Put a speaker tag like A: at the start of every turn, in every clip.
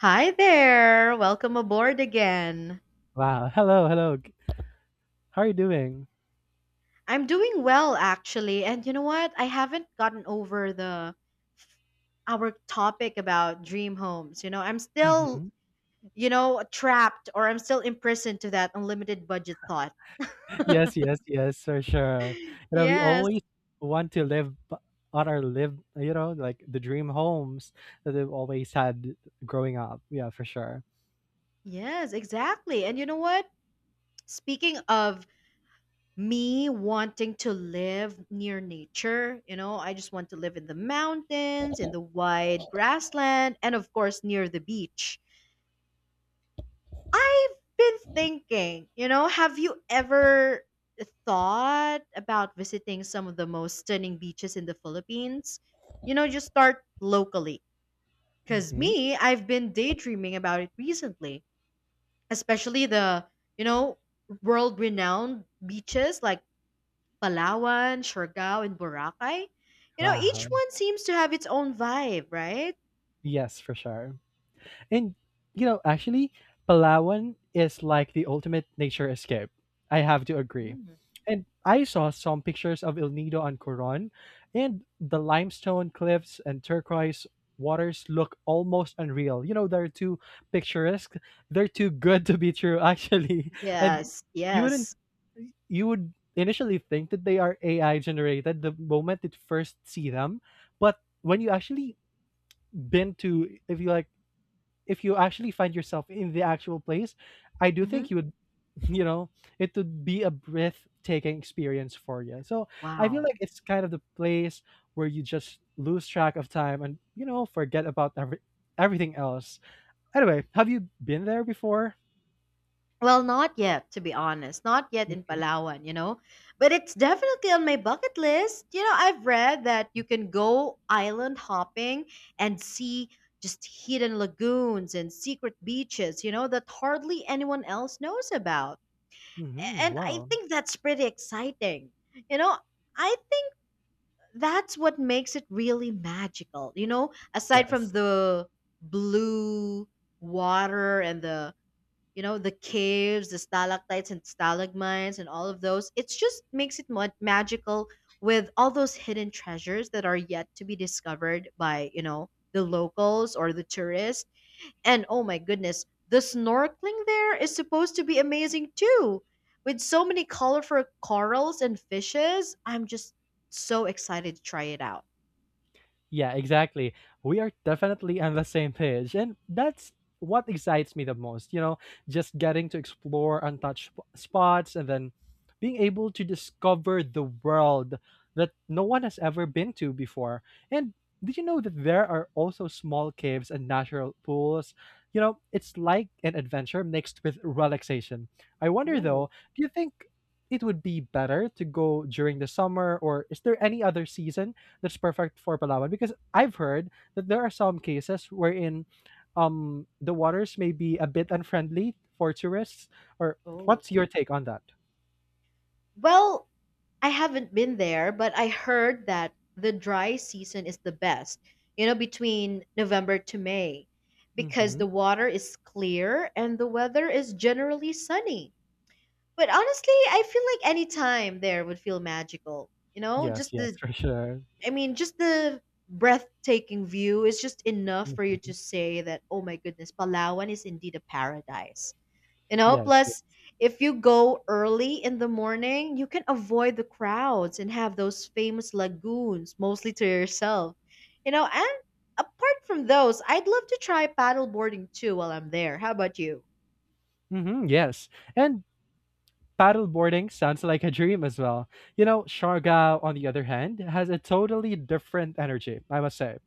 A: Hi there. Welcome aboard again.
B: Wow. Hello, hello. How are you doing?
A: I'm doing well actually. And you know what? I haven't gotten over the our topic about dream homes. You know, I'm still,
B: Mhm.
A: trapped or I'm still imprisoned to that unlimited budget thought.
B: Yes, yes, yes, for sure. You know, we
A: Yes.
B: always want to on our live, you know, like the dream homes that we've always had growing up. Yeah, for sure.
A: Yes, exactly. And you know what? Speaking of me wanting to live near nature, you know, I just want to live in the mountains, in the wide grassland, and of course near the beach. I've been thinking, you know, have you ever thought about visiting some of the most stunning beaches in the Philippines? You know, just start locally. Because
B: Mhm.
A: me, I've been daydreaming about it recently, especially you know, world renowned beaches like Palawan, Siargao, and Boracay. You know, each
B: Wow.
A: one seems to have its own vibe, right?
B: Yes, for sure. And you know, actually, Palawan is like the ultimate nature escape. I have to agree.
A: Mhm.
B: And I saw some pictures of El Nido on Coron, and the limestone cliffs and turquoise waters look almost unreal. You know, they're too picturesque. They're too good to be true, actually. And
A: Yes,
B: you wouldn't,
A: yes.
B: you would initially think that they are AI generated the moment you first see them, but when you actually been to, if you like if you actually find yourself in the actual place, I do
A: Hmm.
B: think you would, you know, it would be a breathtaking experience for you. So I feel
A: Wow.
B: like it's kind of the place where you just lose track of time and, you know, forget about everything else. Anyway, have you been there before?
A: Well, not yet, to be honest. Not yet in
B: hmm
A: Palawan, you know. But it's definitely on my bucket list. You know, I've read that you can go island hopping and see just hidden lagoons and secret beaches, you know, that hardly anyone else knows about. And I
B: Wow.
A: think that's pretty exciting. You know, I think that's what makes it really magical. You know, aside from
B: Yes.
A: the blue water and the the caves, the stalactites and stalagmites, and all of those, it just makes it more magical with all those hidden treasures that are yet to be discovered by, you know, the locals or the tourists. And oh my goodness, the snorkeling there is supposed to be amazing too, with so many colorful corals and fishes. I'm just so excited to try it out.
B: Yeah, exactly. We are definitely on the same page. And that's what excites me the most, you know, just getting to explore untouched spots and then being able to discover the world that no one has ever been to before. And did you know that there are also small caves and natural pools? You know, it's like an adventure mixed with relaxation. I wonder
A: Oh.
B: though, do you think it would be better to go during the summer or is there any other season that's perfect for Palawan? Because I've heard that there are some cases wherein the waters may be a bit unfriendly for tourists. Or
A: Oh.
B: what's your take on that?
A: Well, I haven't been there, but I heard that the dry season is the best, you know, between November to May, because
B: Mm-hmm.
A: the water is clear and the weather is generally sunny. But honestly, I feel like any time there would feel magical.
B: Yes, yes, for sure.
A: I mean, just the breathtaking view is just enough for you
B: Mm-hmm.
A: to say that, oh my goodness, Palawan is indeed a paradise. You know,
B: Yes.
A: plus if you go early in the morning, you can avoid the crowds and have those famous lagoons mostly to yourself. You know, and apart from those, I'd love to try paddleboarding too while I'm there. How about you?
B: Mm-hmm, yes. And paddle boarding sounds like a dream as well. You know, Siargao, on the other hand, has a totally different energy, I must say.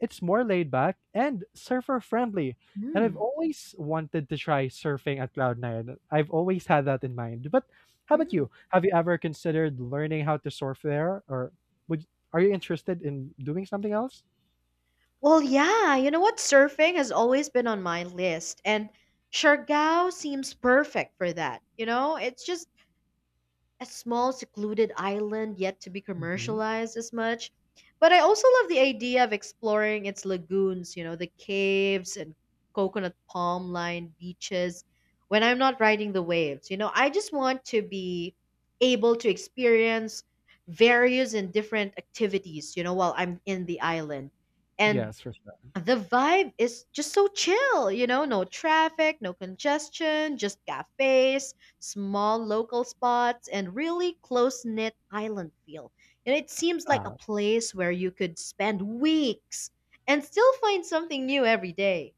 B: It's more laid back and surfer friendly. And I've
A: Hmm.
B: always wanted to try surfing at cloud nine. I've always had that in mind. But how about
A: Mm.
B: you? Have you ever considered learning how to surf there, or would are you interested in doing something else?
A: Well, yeah, you know what? Surfing has always been on my list, and Siargao seems perfect for that. You know, it's just a small secluded island yet to be
B: hmm
A: commercialized as much. But I also love the idea of exploring its lagoons, you know, the caves and coconut palm lined beaches when I'm not riding the waves. You know, I just want to be able to experience various and different activities, you know, while I'm in the island. And
B: Yes, for sure.
A: the vibe is just so chill, you know, no traffic, no congestion, just cafes, small local spots, and really close knit island feel. And it seems like a
B: Ah,
A: place where you could spend weeks and still find something new every day.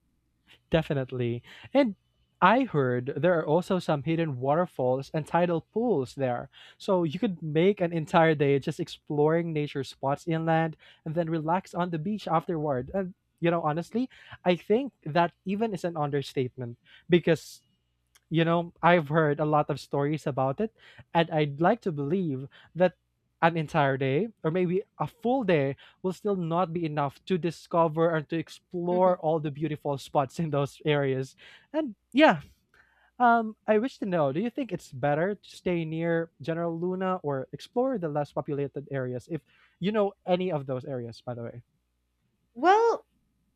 B: definitely. And I heard there are also some hidden waterfalls and tidal pools there. So you could make an entire day just exploring nature spots inland and then relax on the beach afterward. And you know, honestly, I think that even is an understatement because you know, I've heard a lot of stories about it, and I'd like to believe that an entire day or maybe a full day will still not be enough to discover and to explore all the beautiful spots in those areas. And yeah, I wish to know, do you think it's better to stay near General Luna or explore the less populated areas if you know any of those areas, by the way?
A: Well,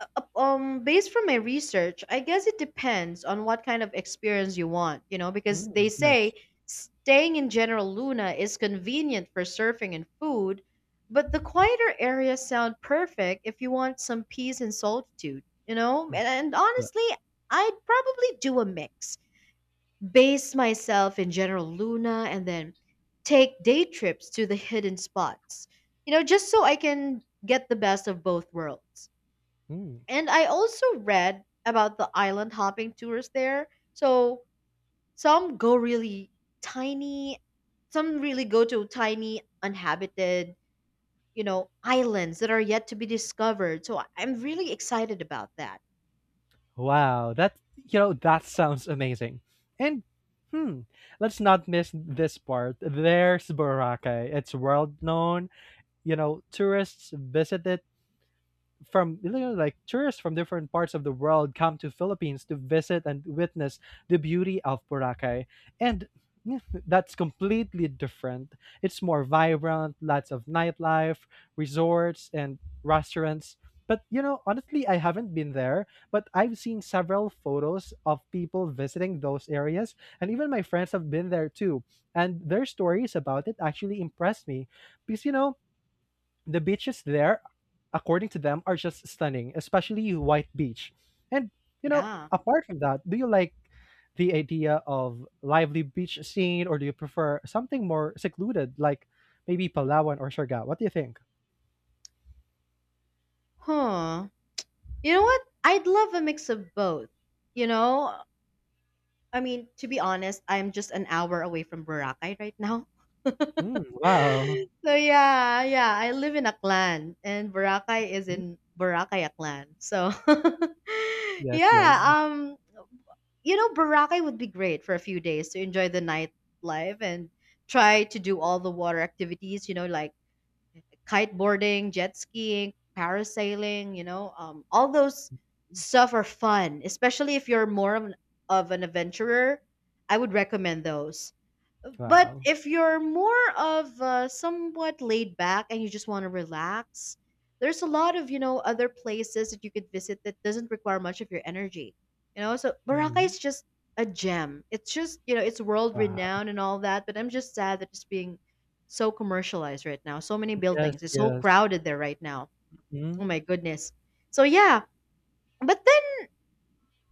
A: based from my research, I guess it depends on what kind of experience you want, you know, because they
B: Mm,
A: say
B: yes.
A: staying in General Luna is convenient for surfing and food, but the quieter areas sound perfect if you want some peace and solitude, you know?
B: Mm,
A: And
B: yeah.
A: honestly, I'd probably do a mix. Base myself in General Luna and then take day trips to the hidden spots, you know, just so I can get the best of both worlds.
B: Mm.
A: And I also read about the island hopping tours there. So some go really tiny, some really go to tiny, uninhabited, you know, islands that are yet to be discovered. So I'm really excited about that.
B: Wow, that you know that sounds amazing. And hmm, let's not miss this part. There's Boracay. It's world known. You know, tourists visit it from you know, like tourists from different parts of the world come to Philippines to visit and witness the beauty of Boracay. And yeah, that's completely different. It's more vibrant, lots of nightlife, resorts and restaurants. But you know, honestly, I haven't been there, but I've seen several photos of people visiting those areas, and even my friends have been there too. And their stories about it actually impressed me because you know, the beaches there, according to them, are just stunning, especially White Beach. And, you know,
A: Yeah.
B: apart from that, do you like the idea of lively beach scene or do you prefer something more secluded like maybe Palawan or Siargao? What do you think?
A: Huh. You know what? I'd love a mix of both. You know, I mean, to be honest, I'm just an hour away from Boracay right now.
B: Mm, wow.
A: So yeah, yeah, I live in Aklan and Boracay is
B: Mm,
A: in Boracay Aklan. So
B: yes,
A: yeah,
B: yes.
A: um you know, Boracay would be great for a few days to enjoy the nightlife and try to do all the water activities, you know, like kiteboarding, jet skiing, parasailing, you know, all those stuff are fun, especially if you're more of an adventurer. I would recommend those. But
B: Wow.
A: if you're more of somewhat laid back and you just want to relax, there's a lot of, you know, other places that you could visit that doesn't require much of your energy. You know, so Boracay
B: Mhm.
A: is just a gem. It's just, you know, it's world
B: Wow.
A: renowned and all that, but I'm just sad that it's being so commercialized right now. So many
B: Yes,
A: buildings. It's so
B: yes.
A: crowded there right now. Oh
B: Mm,
A: my goodness. So yeah, but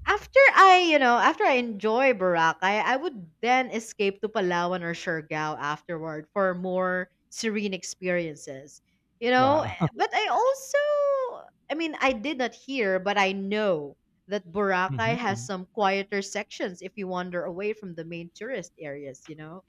A: after I enjoy Boracay, I would then escape to Palawan or Siargao afterward for more serene experiences. You know, eh,
B: wow.
A: but I also, I mean, I did not hear, but I know that Boracay has
B: Mhm.
A: some quieter sections if you wander away from the main tourist areas, you know?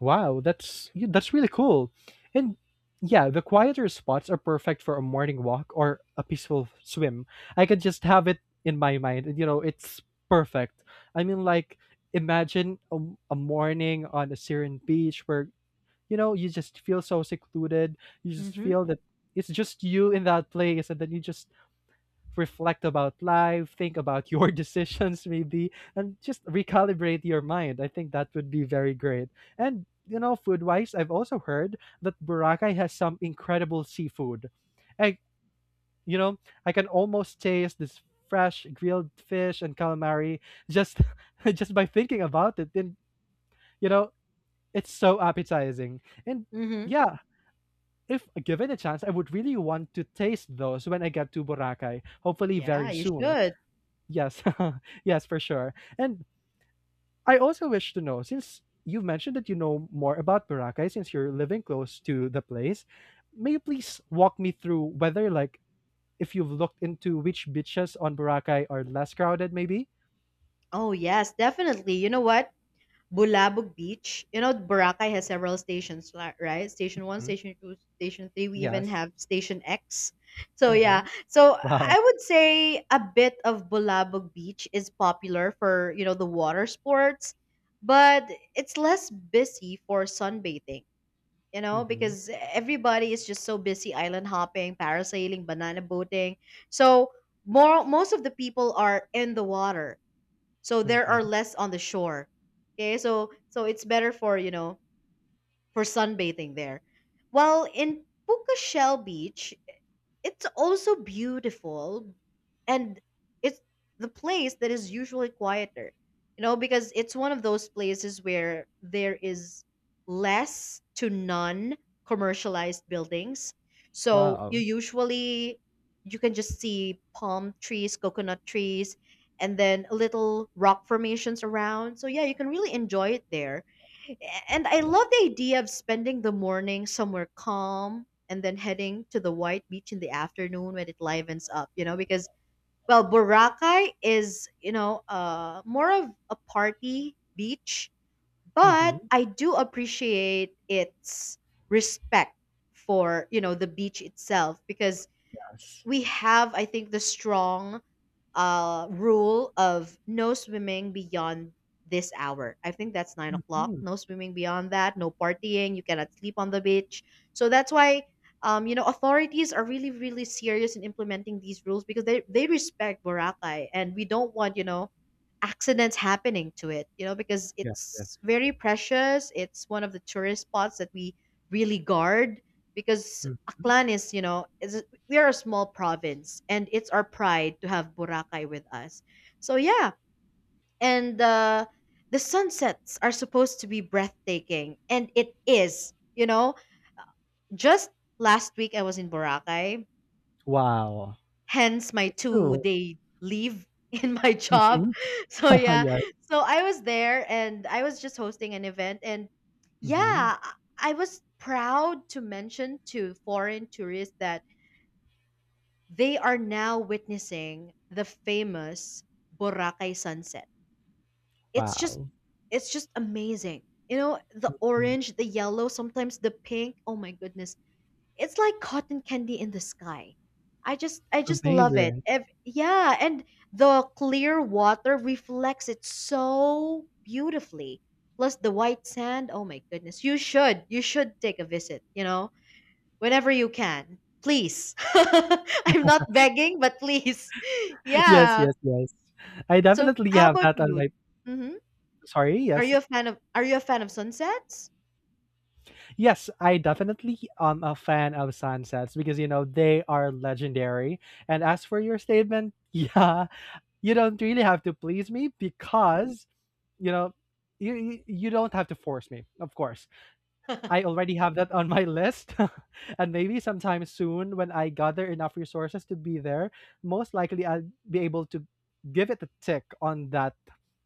B: Wow, that's yeah, that's really cool. And yeah, the quieter spots are perfect for a morning walk or a peaceful swim. I could just have it in my mind, and you know, it's perfect. I mean, like imagine a morning on a serene beach where you know you just feel so secluded. You just
A: Mm-hmm.
B: feel that it's just you in that place, and then you just reflect about life, think about your decisions maybe, and just recalibrate your mind. I think that would be very great. And you know, food wise, I've also heard that Boracay has some incredible seafood. I you know, I can almost taste this fresh grilled fish and calamari just just by thinking about it. And you know, it's so appetizing. And
A: Mm-hmm.
B: yeah, if given a chance, I would really want to taste those when I get to Boracay, hopefully
A: Yeah,
B: very
A: you
B: soon.
A: should.
B: Yes. Yes, for sure. And I also wish to know, since you've mentioned that you know more about Boracay since you're living close to the place, may you please walk me through whether like if you've looked into which beaches on Boracay are less crowded maybe?
A: Oh, yes, definitely. You know what? Bulabog Beach. You know, Boracay has several stations, right? Station 1,
B: Mhm.
A: Station 2, Station 3. We even
B: Yes.
A: have Station X. So, yeah.
B: Mhm.
A: So,
B: Wow.
A: I would say a bit of Bulabog Beach is popular for, you know, the water sports, but it's less busy for sunbathing, you know,
B: Mhm.
A: because everybody is just so busy island hopping, parasailing, banana boating. So, most of the people are in the water so there
B: Mhm.
A: are less on the shore. Okay, so it's better for, you know, for sunbathing there. While in Pucachel Beach, it's also beautiful and it's the place that is usually quieter, you know, because it's one of those places where there is less to none commercialized buildings, so you
B: Wow.
A: usually you can just see palm trees, coconut trees, and then little rock formations around. So yeah, you can really enjoy it there. And I love the idea of spending the morning somewhere calm and then heading to the white beach in the afternoon when it livens up, you know, because, well, Boracay is, you know, more of a party beach, but
B: Mhm.
A: I do appreciate its respect for, you know, the beach itself, because
B: Yes.
A: we have, I think, the strong rule of no swimming beyond this hour. I think that's 9 o'clock.
B: Mhm.
A: No swimming beyond that, no partying, you cannot sleep on the beach. So that's why, you know, authorities are really really serious in implementing these rules because they respect Boracay and we don't want, you know, accidents happening to it, you know, because
B: Yes, yes.
A: it's very precious. It's one of the tourist spots that we really guard, because
B: Mhm.
A: Aklan is, we are a small province and it's our pride to have Boracay with us. So yeah, and the sunsets are supposed to be breathtaking and it is, you know. Just last week I was in Boracay,
B: Wow.
A: hence my
B: Cool.
A: 2-day leave in my job.
B: Mhm.
A: So yeah,
B: Yes.
A: so I was there and I was just hosting an event, and
B: Mhm.
A: yeah, I was proud to mention to foreign tourists that they are now witnessing the famous Boracay sunset. It's just
B: Wow.
A: it's just amazing. You know, the
B: Mm.
A: orange, the yellow, sometimes the pink. Oh my goodness. It's like cotton candy in the sky. I just love it.
B: Amazing.
A: Yeah, and the clear water reflects it so beautifully. Plus the white sand. Oh my goodness. You should. You should take a visit, you know, whenever you can. Please. I'm not begging, but please.
B: Yes,
A: Yeah.
B: yes, yes. I
A: So
B: definitely
A: how
B: have
A: about
B: that on
A: you?
B: my
A: Hmm.
B: sorry, yes.
A: Are you a fan of sunsets?
B: Yes, I definitely am a fan of sunsets because you know they are legendary. And as for your statement, yeah, you don't really have to please me because you know you don't have to force me, of course. I already have that on my list. And maybe sometime soon when I gather enough resources to be there, most likely I'll be able to give it a tick on that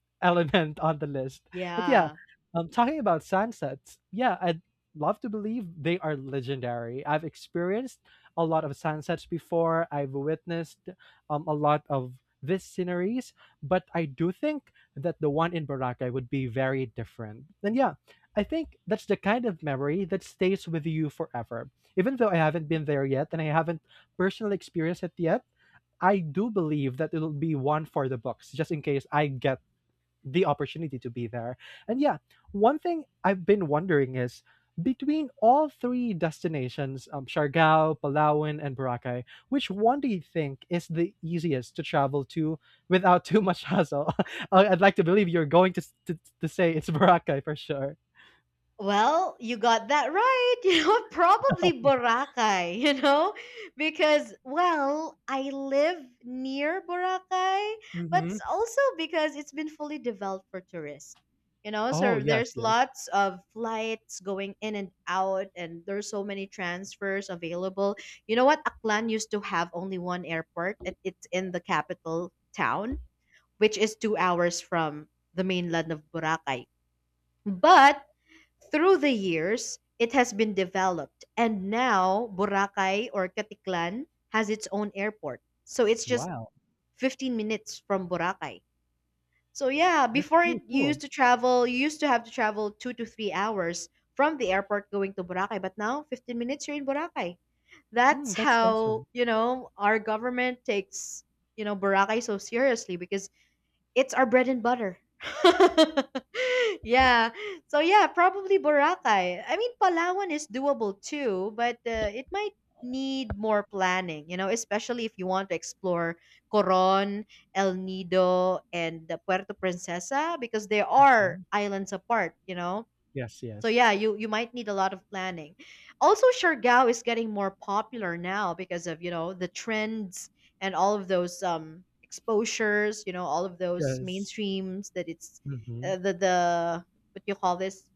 B: element on the list. But yeah,
A: Yeah.
B: talking about sunsets, yeah, I'd love to believe they are legendary. I've experienced a lot of sunsets before. I've witnessed a lot of these sceneries, but I do think that the one in Boracay would be very different. And yeah, I think that's the kind of memory that stays with you forever. Even though I haven't been there yet and I haven't personally experienced it yet, I do believe that it'll be one for the books, just in case I get the opportunity to be there. And yeah, one thing I've been wondering is between all three destinations, Siargao, Palawan, and Boracay, which one do you think is the easiest to travel to without too much hassle? I'd like to believe you're going to, to say it's Boracay for sure.
A: Well, you got that right. You know, probably Boracay, you know, because, well, I live near Boracay, but
B: hmm
A: it's also because it's been fully developed for tourists. You know,
B: Oh,
A: so there's
B: yes, yes.
A: lots of flights going in and out, and there's so many transfers available. You know what? Aklan used to have only one airport. It's in the capital town, which is 2 hours from the mainland of Boracay. But through the years, it has been developed, and now Boracay or Katiklan has its own airport. So it's just
B: Wow.
A: 15 minutes from Boracay. So yeah,
B: That's
A: before it,
B: really cool.
A: you used to have to travel 2 to 3 hours from the airport going to Boracay, but now 15 minutes you're in Boracay. That's
B: Mm, that's awesome.
A: how you know our government takes, you know, Boracay so seriously because it's our bread and butter. Yeah. So yeah, probably Boracay. I mean, Palawan is doable too, but it might need more planning, you know, especially if you want to explore Coron, El Nido, and the Puerto Princesa because they are
B: hmm
A: islands apart, you know.
B: Yes,
A: So
B: yes.
A: yeah, you might need a lot of planning. Also, Siargao is getting more popular now because of, you know, the trends and all of those exposures, you know, all of those
B: Yes.
A: mainstreams that it's
B: hmm
A: the what do you call this?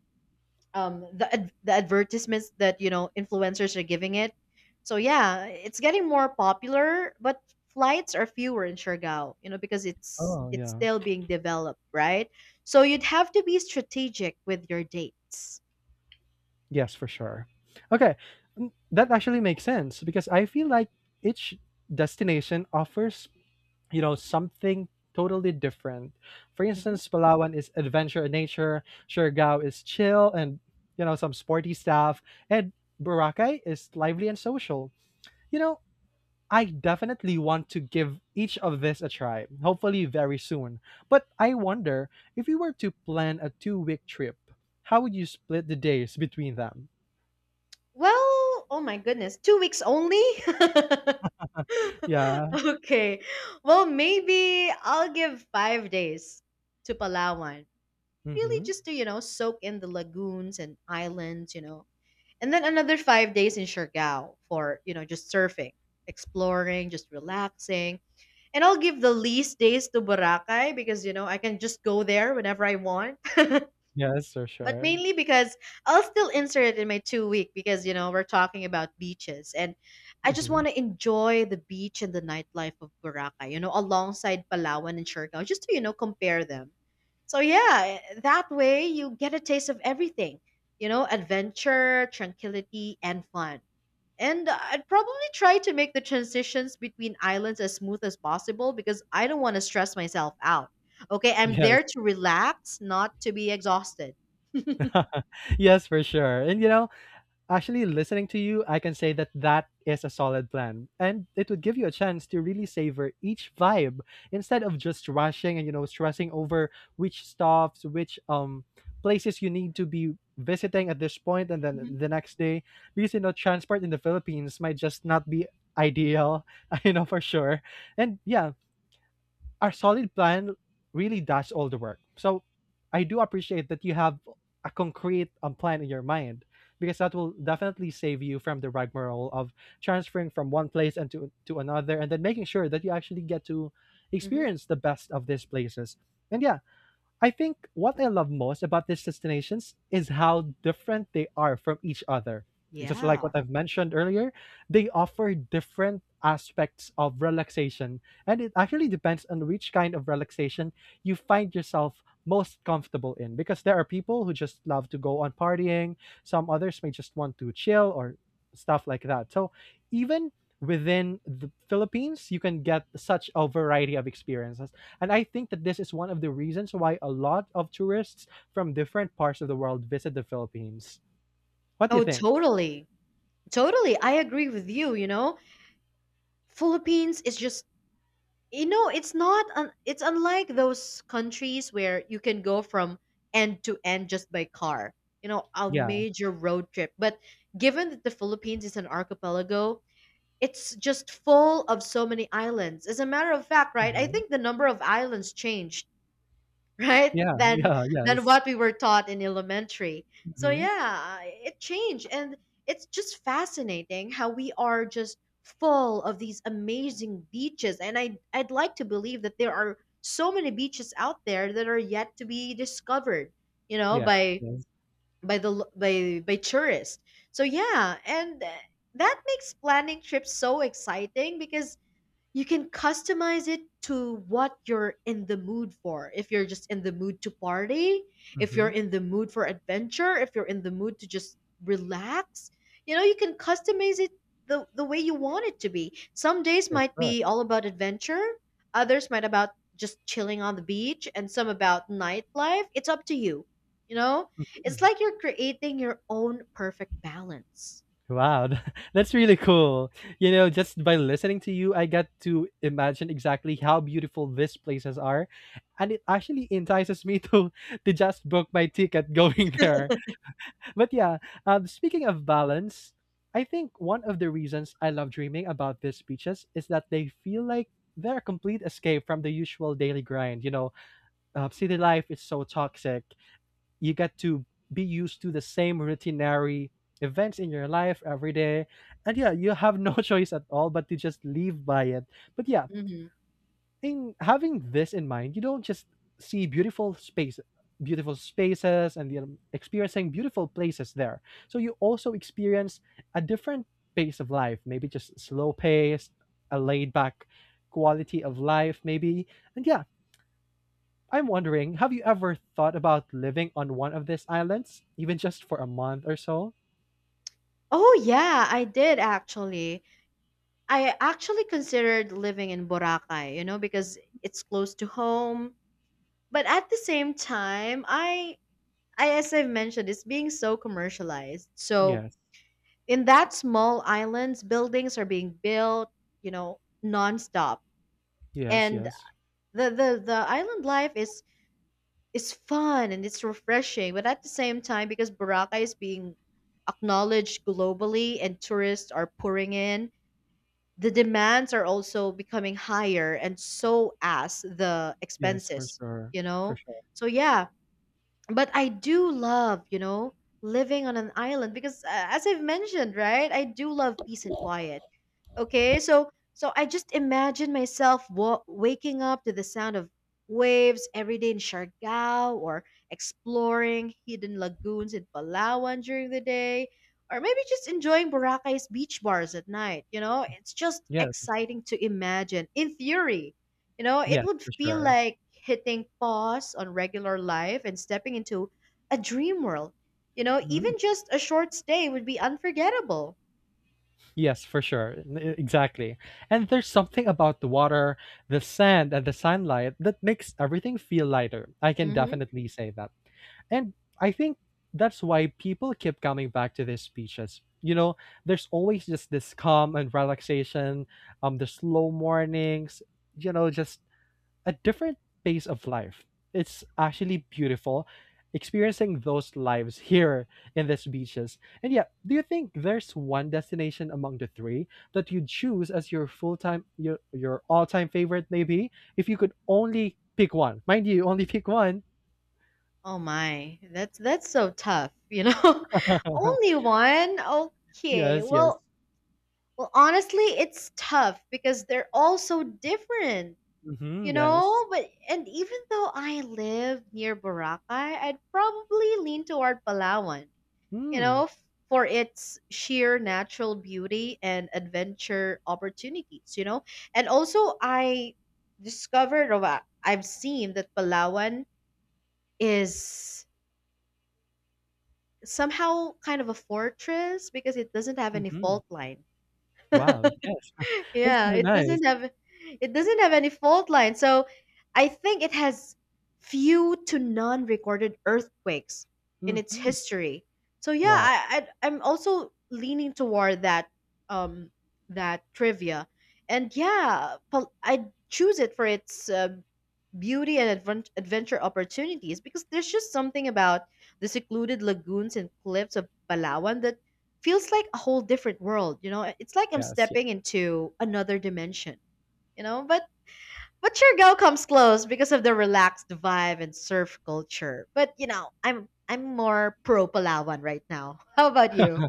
A: The advertisements that, you know, influencers are giving it. So yeah, it's getting more popular, but flights are fewer in Siargao, you know, because it's
B: Oh,
A: it's
B: yeah.
A: still being developed, right? So you'd have to be strategic with your dates.
B: Yes, for sure. Okay, mm, that actually makes sense because I feel like each destination offers, you know, something totally different. For
A: Hmm.
B: instance, Palawan is adventure and nature, Siargao is chill and, you know, some sporty stuff, and Boracay is lively and social. You know, I definitely want to give each of this a try, hopefully very soon. But I wonder if you were to plan a 2-week trip, how would you split the days between them?
A: Well, oh my goodness, 2 weeks only?
B: Yeah.
A: okay. Well, maybe I'll give 5 days to Palawan. Really,
B: Mhm.
A: just to, you know, soak in the lagoons and islands, you know. And then another 5 days in Siargao for, you know, just surfing, exploring, just relaxing. And I'll give the least days to Boracay because, you know, I can just go there whenever I want,
B: Yes, for
A: but
B: sure.
A: mainly because I'll still insert it in my two-week because you know we're talking about beaches, and I just
B: Mhm.
A: want to enjoy the beach and the nightlife of Boracay, you know, alongside Palawan and Siargao, just to you know compare them. So yeah, that way you get a taste of everything, you know, adventure, tranquility, and fun. And I'd probably try to make the transitions between islands as smooth as possible because I don't want to stress myself out. Okay, I'm
B: Yes.
A: there to relax, not to be exhausted.
B: Yes, for sure. And, you know, actually listening to you, I can say that that is a solid plan. And it would give you a chance to really savor each vibe instead of just rushing and, you know, stressing over which places you need to be visiting at this point and
A: Mhm.
B: then the next day. Because, you know, transport in the Philippines might just not be ideal, you know, for sure. And yeah, our solid plan really does all the work. So I do appreciate that you have a concrete plan in your mind because that will definitely save you from the rigmarole of transferring from one place and to another and then making sure that you actually get to
A: Mhm.
B: experience the best of these places. And yeah, I think what I love most about these destinations is how different they are from each other. It's just like
A: Yeah.
B: what I've mentioned earlier, they offer different aspects of relaxation, and it actually depends on which kind of relaxation you find yourself most comfortable in. Because there are people who just love to go on partying, some others may just want to chill or stuff like that. So, even within the Philippines, you can get such a variety of experiences and I think that this is one of the reasons why a lot of tourists from different parts of the world visit the Philippines. What do you
A: Oh,
B: think?
A: totally. Totally. I agree with you, you know. Philippines is just you know, it's not un- it's unlike those countries where you can go from end to end just by car. You know, a
B: Yeah.
A: major road trip. But given that the Philippines is an archipelago, it's just full of so many islands. As a matter of fact, right? I
B: hmm
A: think the number of islands changed, right?
B: Yeah. Yeah.
A: Than
B: Yes.
A: what we were taught in elementary. So
B: hmm
A: yeah, it changed and it's just fascinating how we are just full of these amazing beaches, and I'd like to believe that there are so many beaches out there that are yet to be discovered, you know,
B: Yes.
A: by
B: Yes.
A: by by tourists. So yeah, and that makes planning trips so exciting because you can customize it to what you're in the mood for. If you're just in the mood to party, if you're
B: hmm
A: in the mood for adventure, if you're in the mood to just relax, you know, you can customize it the way you want it to be. Some days
B: For
A: might
B: sure.
A: be all about adventure, others might about just chilling on the beach, and some about nightlife. It's up to you. You know, it's
B: Mm.
A: like you're creating your own perfect balance.
B: Wow, that's really cool. You know, just by listening to you, I got to imagine exactly how beautiful these places are, and it actually entices me to just book my ticket going there. But yeah, speaking of balance, I think one of the reasons I love dreaming about these beaches is that they feel like they're a complete escape from the usual daily grind. You know, city life is so toxic. You get to be used to the same routinary events in your life every day. And yeah, you have no choice at all but to just live by it. But yeah,
A: Hmm.
B: in having this in mind, you don't just see beautiful beautiful spaces, and you know, experiencing beautiful places there. So you also experience a different pace of life, maybe just slow pace, a laid back quality of life, maybe. And yeah, I'm wondering, have you ever thought about living on one of these islands, even just for a month or so?
A: Oh, yeah, I did actually. I actually considered living in Boracay, you know, because it's close to home. But at the same time, I as I've mentioned, it's being so commercialized. So
B: Yes,
A: in that small islands, buildings are being built, you know, nonstop.
B: yes,
A: And
B: yes.
A: the island life is fun and it's refreshing. But at the same time, because Boracay is being acknowledged globally and tourists are pouring in, the demands are also becoming higher and so as the
B: Yes, for
A: expenses,
B: sure,
A: you
B: for
A: know?
B: sure.
A: So yeah, but I do love, you know, living on an island because as I've mentioned, right? I do love peace and quiet. Okay, so I just imagine myself wa- waking up to the sound of waves every day in Siargao, or exploring hidden lagoons in Palawan during the day, or maybe just enjoying Boracay's beach bars at night, you know? It's just
B: Yes,
A: exciting to imagine. In theory, you know, it
B: yes,
A: would
B: for
A: feel
B: sure.
A: like hitting pause on regular life and stepping into a dream world. You know, even
B: Mm.
A: just a short stay would be unforgettable.
B: Yes, for sure. Exactly. And there's something about the water, the sand, and the sunlight that makes everything feel lighter. I can
A: Mm-hmm.
B: definitely say that. And I think that's why people keep coming back to these beaches. You know, there's always just this calm and relaxation, the slow mornings, you know, just a different pace of life. It's actually beautiful experiencing those lives here in these beaches. And yeah, do you think there's one destination among the three that you'd choose as your full time your all time favorite maybe if you could only pick one? Mind you, only pick one.
A: Oh my, that's so tough, you know? Only one? Okay.
B: Yes, yes.
A: Well, well honestly, it's tough because they're all so different,
B: Mm-hmm,
A: you
B: yes.
A: know? But and even though I live near Boracay, I'd probably lean toward Palawan, you
B: Mm,
A: know, f- for its sheer natural beauty and adventure opportunities, you know? And also I discovered or I've seen that Palawan is somehow kind of a fortress because it doesn't have any
B: mm-hmm.
A: fault line.
B: Wow, yes. That's
A: yeah,
B: so nice.
A: it doesn't have any fault line. So I think it has few to none recorded earthquakes in its
B: Mm-hmm.
A: history. So yeah,
B: Wow,
A: I'm also leaning toward that um that trivia. And yeah, pol- I choose it for its beauty and advent- adventure opportunities because there's just something about the secluded lagoons and cliffs of Palawan that feels like a whole different world, you know? It's like I'm
B: yes, yes.
A: stepping into another dimension, you know? But Surigao comes close because of the relaxed vibe and surf culture. But you know, I'm more pro Palawan right now. How about you?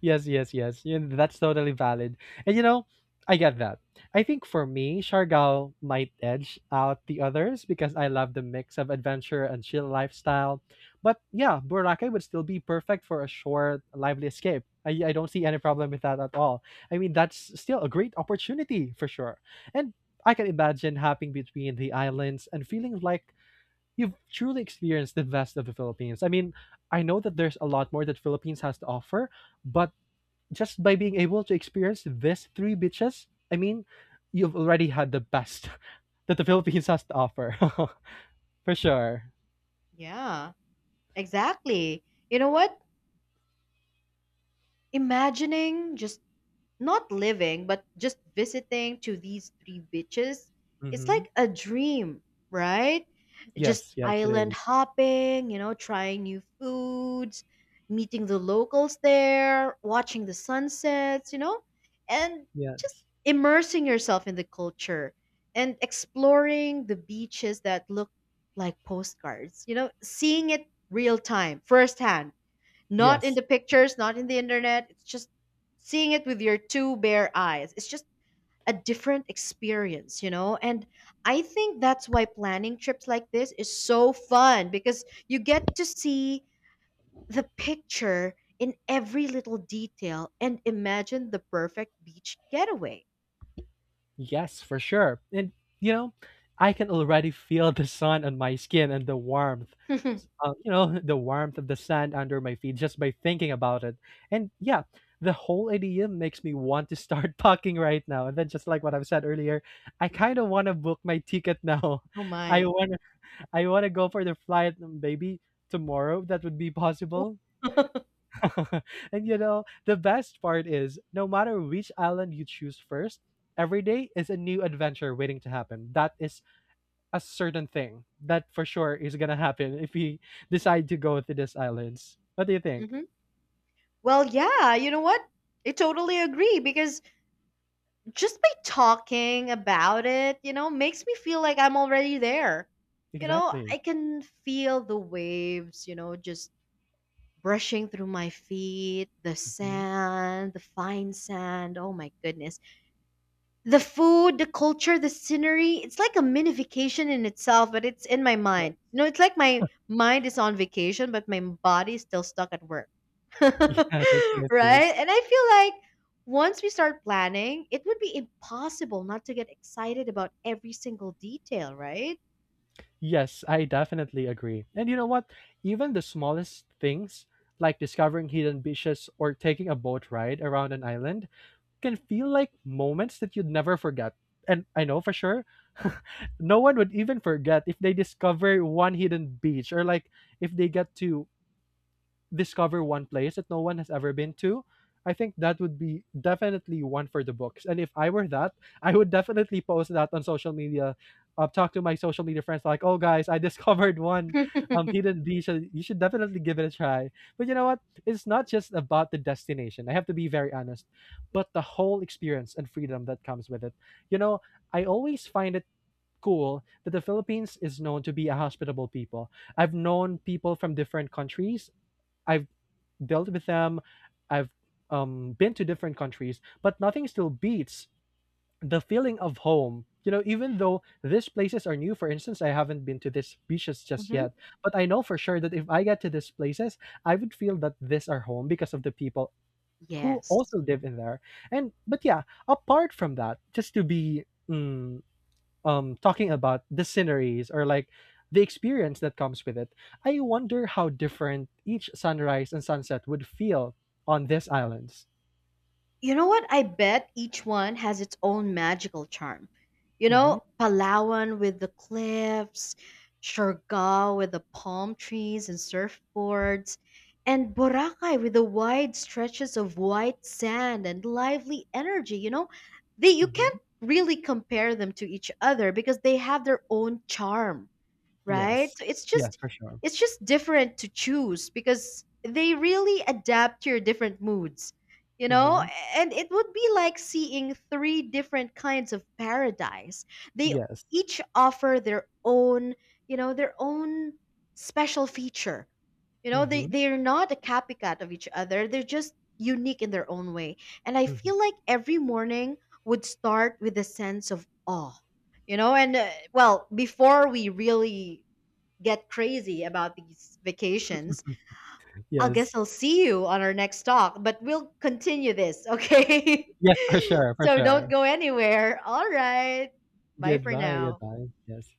B: Yes, yes, yes. You know, that's totally valid. And you know, I get that. I think for me, Shargao might edge out the others because I love the mix of adventure and chill lifestyle. But yeah, Boracay would still be perfect for a short, lively escape. I don't see any problem with that at all. I mean, that's still a great opportunity for sure. And I can imagine hopping between the islands and feeling like you've truly experienced the best of the Philippines. I mean, I know that there's a lot more that Philippines has to offer, but just by being able to experience these three beaches, I mean, you've already had the best that the Philippines has to offer, for sure.
A: Yeah, exactly. You know what? Imagining just not living, but just visiting to these three beaches, it's
B: Mm-hmm.
A: like a dream, right? Just
B: Yes, yes, it
A: island
B: is.
A: hopping, you know, trying new foods, meeting the locals there, watching the sunsets, you know, and just
B: Yes,
A: immersing yourself in the culture and exploring the beaches that look like postcards, you know, seeing it real time, firsthand, not in the
B: yes.
A: pictures, not in the internet. It's just seeing it with your two bare eyes. It's just a different experience, you know? And I think that's why planning trips like this is so fun because you get to see the picture in every little detail and imagine the perfect beach getaway.
B: Yes, for sure. And you know, I can already feel the sun on my skin and the warmth.
A: oh
B: You know, the warmth of the sand under my feet just by thinking about it. And yeah, the whole idea makes me want to start packing right now. And then just like what I've said earlier, I kind of want to book my ticket now. I
A: my.
B: want to I want to go for the flight maybe tomorrow if that would be possible. And you know, the best part is no matter which island you choose first, every day is a new adventure waiting to happen. That is a certain thing that for sure is going to happen if we decide to go to these islands. What do you think?
A: Mhm. Well, yeah, you know what? I totally agree because just by talking about it, you know, makes me feel like I'm already there. You know,
B: Exactly.
A: I can feel the waves, you know, just brushing through my feet, the
B: Mhm.
A: sand, the fine sand. Oh my goodness. The food, the culture, the scenery. It's like a mini vacation in itself, but it's in my
B: Yeah.
A: mind. You know, it's like my mind is on vacation, but my body is still stuck at work. right?
B: Yes, yes, yes.
A: And I feel like once we start planning, it would be impossible not to get excited about every single detail, right?
B: Yes, I definitely agree. And you know what? Even the smallest things, like discovering hidden beaches or taking a boat ride around an island, can feel like moments that you'd never forget. And I know for sure, no one would even forget if they discover one hidden beach or like if they get to discover one place that no one has ever been to, I think that would be definitely one for the books. And if I were that, I would definitely post that on social media. I've talked to my social media friends like, "Oh guys, I discovered one hidden beach. You should definitely give it a try." But you know what? It's not just about the destination. I have to be very honest, but the whole experience and freedom that comes with it. You know, I always find it cool that the Philippines is known to be a hospitable people. I've known people from different countries. I've dealt with them. I've been to different countries, but nothing still beats the feeling of home. You know, even though these places are new, for instance, I haven't been to these beaches just
A: hmm.
B: yet, but I know for sure that if I get to these places, I would feel that these are home because of the people who
A: Yes.
B: also live in there. And but yeah, apart from that, just to be talking about the sceneries or like the experience that comes with it, I wonder how different each sunrise and sunset would feel on these islands.
A: You know what? I bet each one has its own magical charm. You
B: Mm-hmm.
A: know, Palawan with the cliffs, Siargao with the palm trees and surfboards, and Boracay with the wide stretches of white sand and lively energy. You know, they you
B: Mm-hmm.
A: can't really compare them to each other because they have their own charm, right?
B: Yes.
A: So
B: Yes, for sure.
A: it's just different to choose because they really adapt to your different moods, you know?
B: Mm-hmm.
A: And it would be like seeing three different kinds of paradise. They
B: Yes.
A: each offer their own, you know, their own special feature. You know, they
B: Mm-hmm.
A: they're not a copycat of each other. They're just unique in their own way. And I
B: Mm-hmm.
A: feel like every morning would start with a sense of awe. You know, and well, before we really get crazy about these vacations, I guess
B: Yes.
A: I'll see you on our next talk, but we'll continue this, okay?
B: Yes, for sure. For
A: so
B: sure.
A: don't go anywhere. All right. Bye for
B: Goodbye.
A: now.
B: Goodbye. Yes.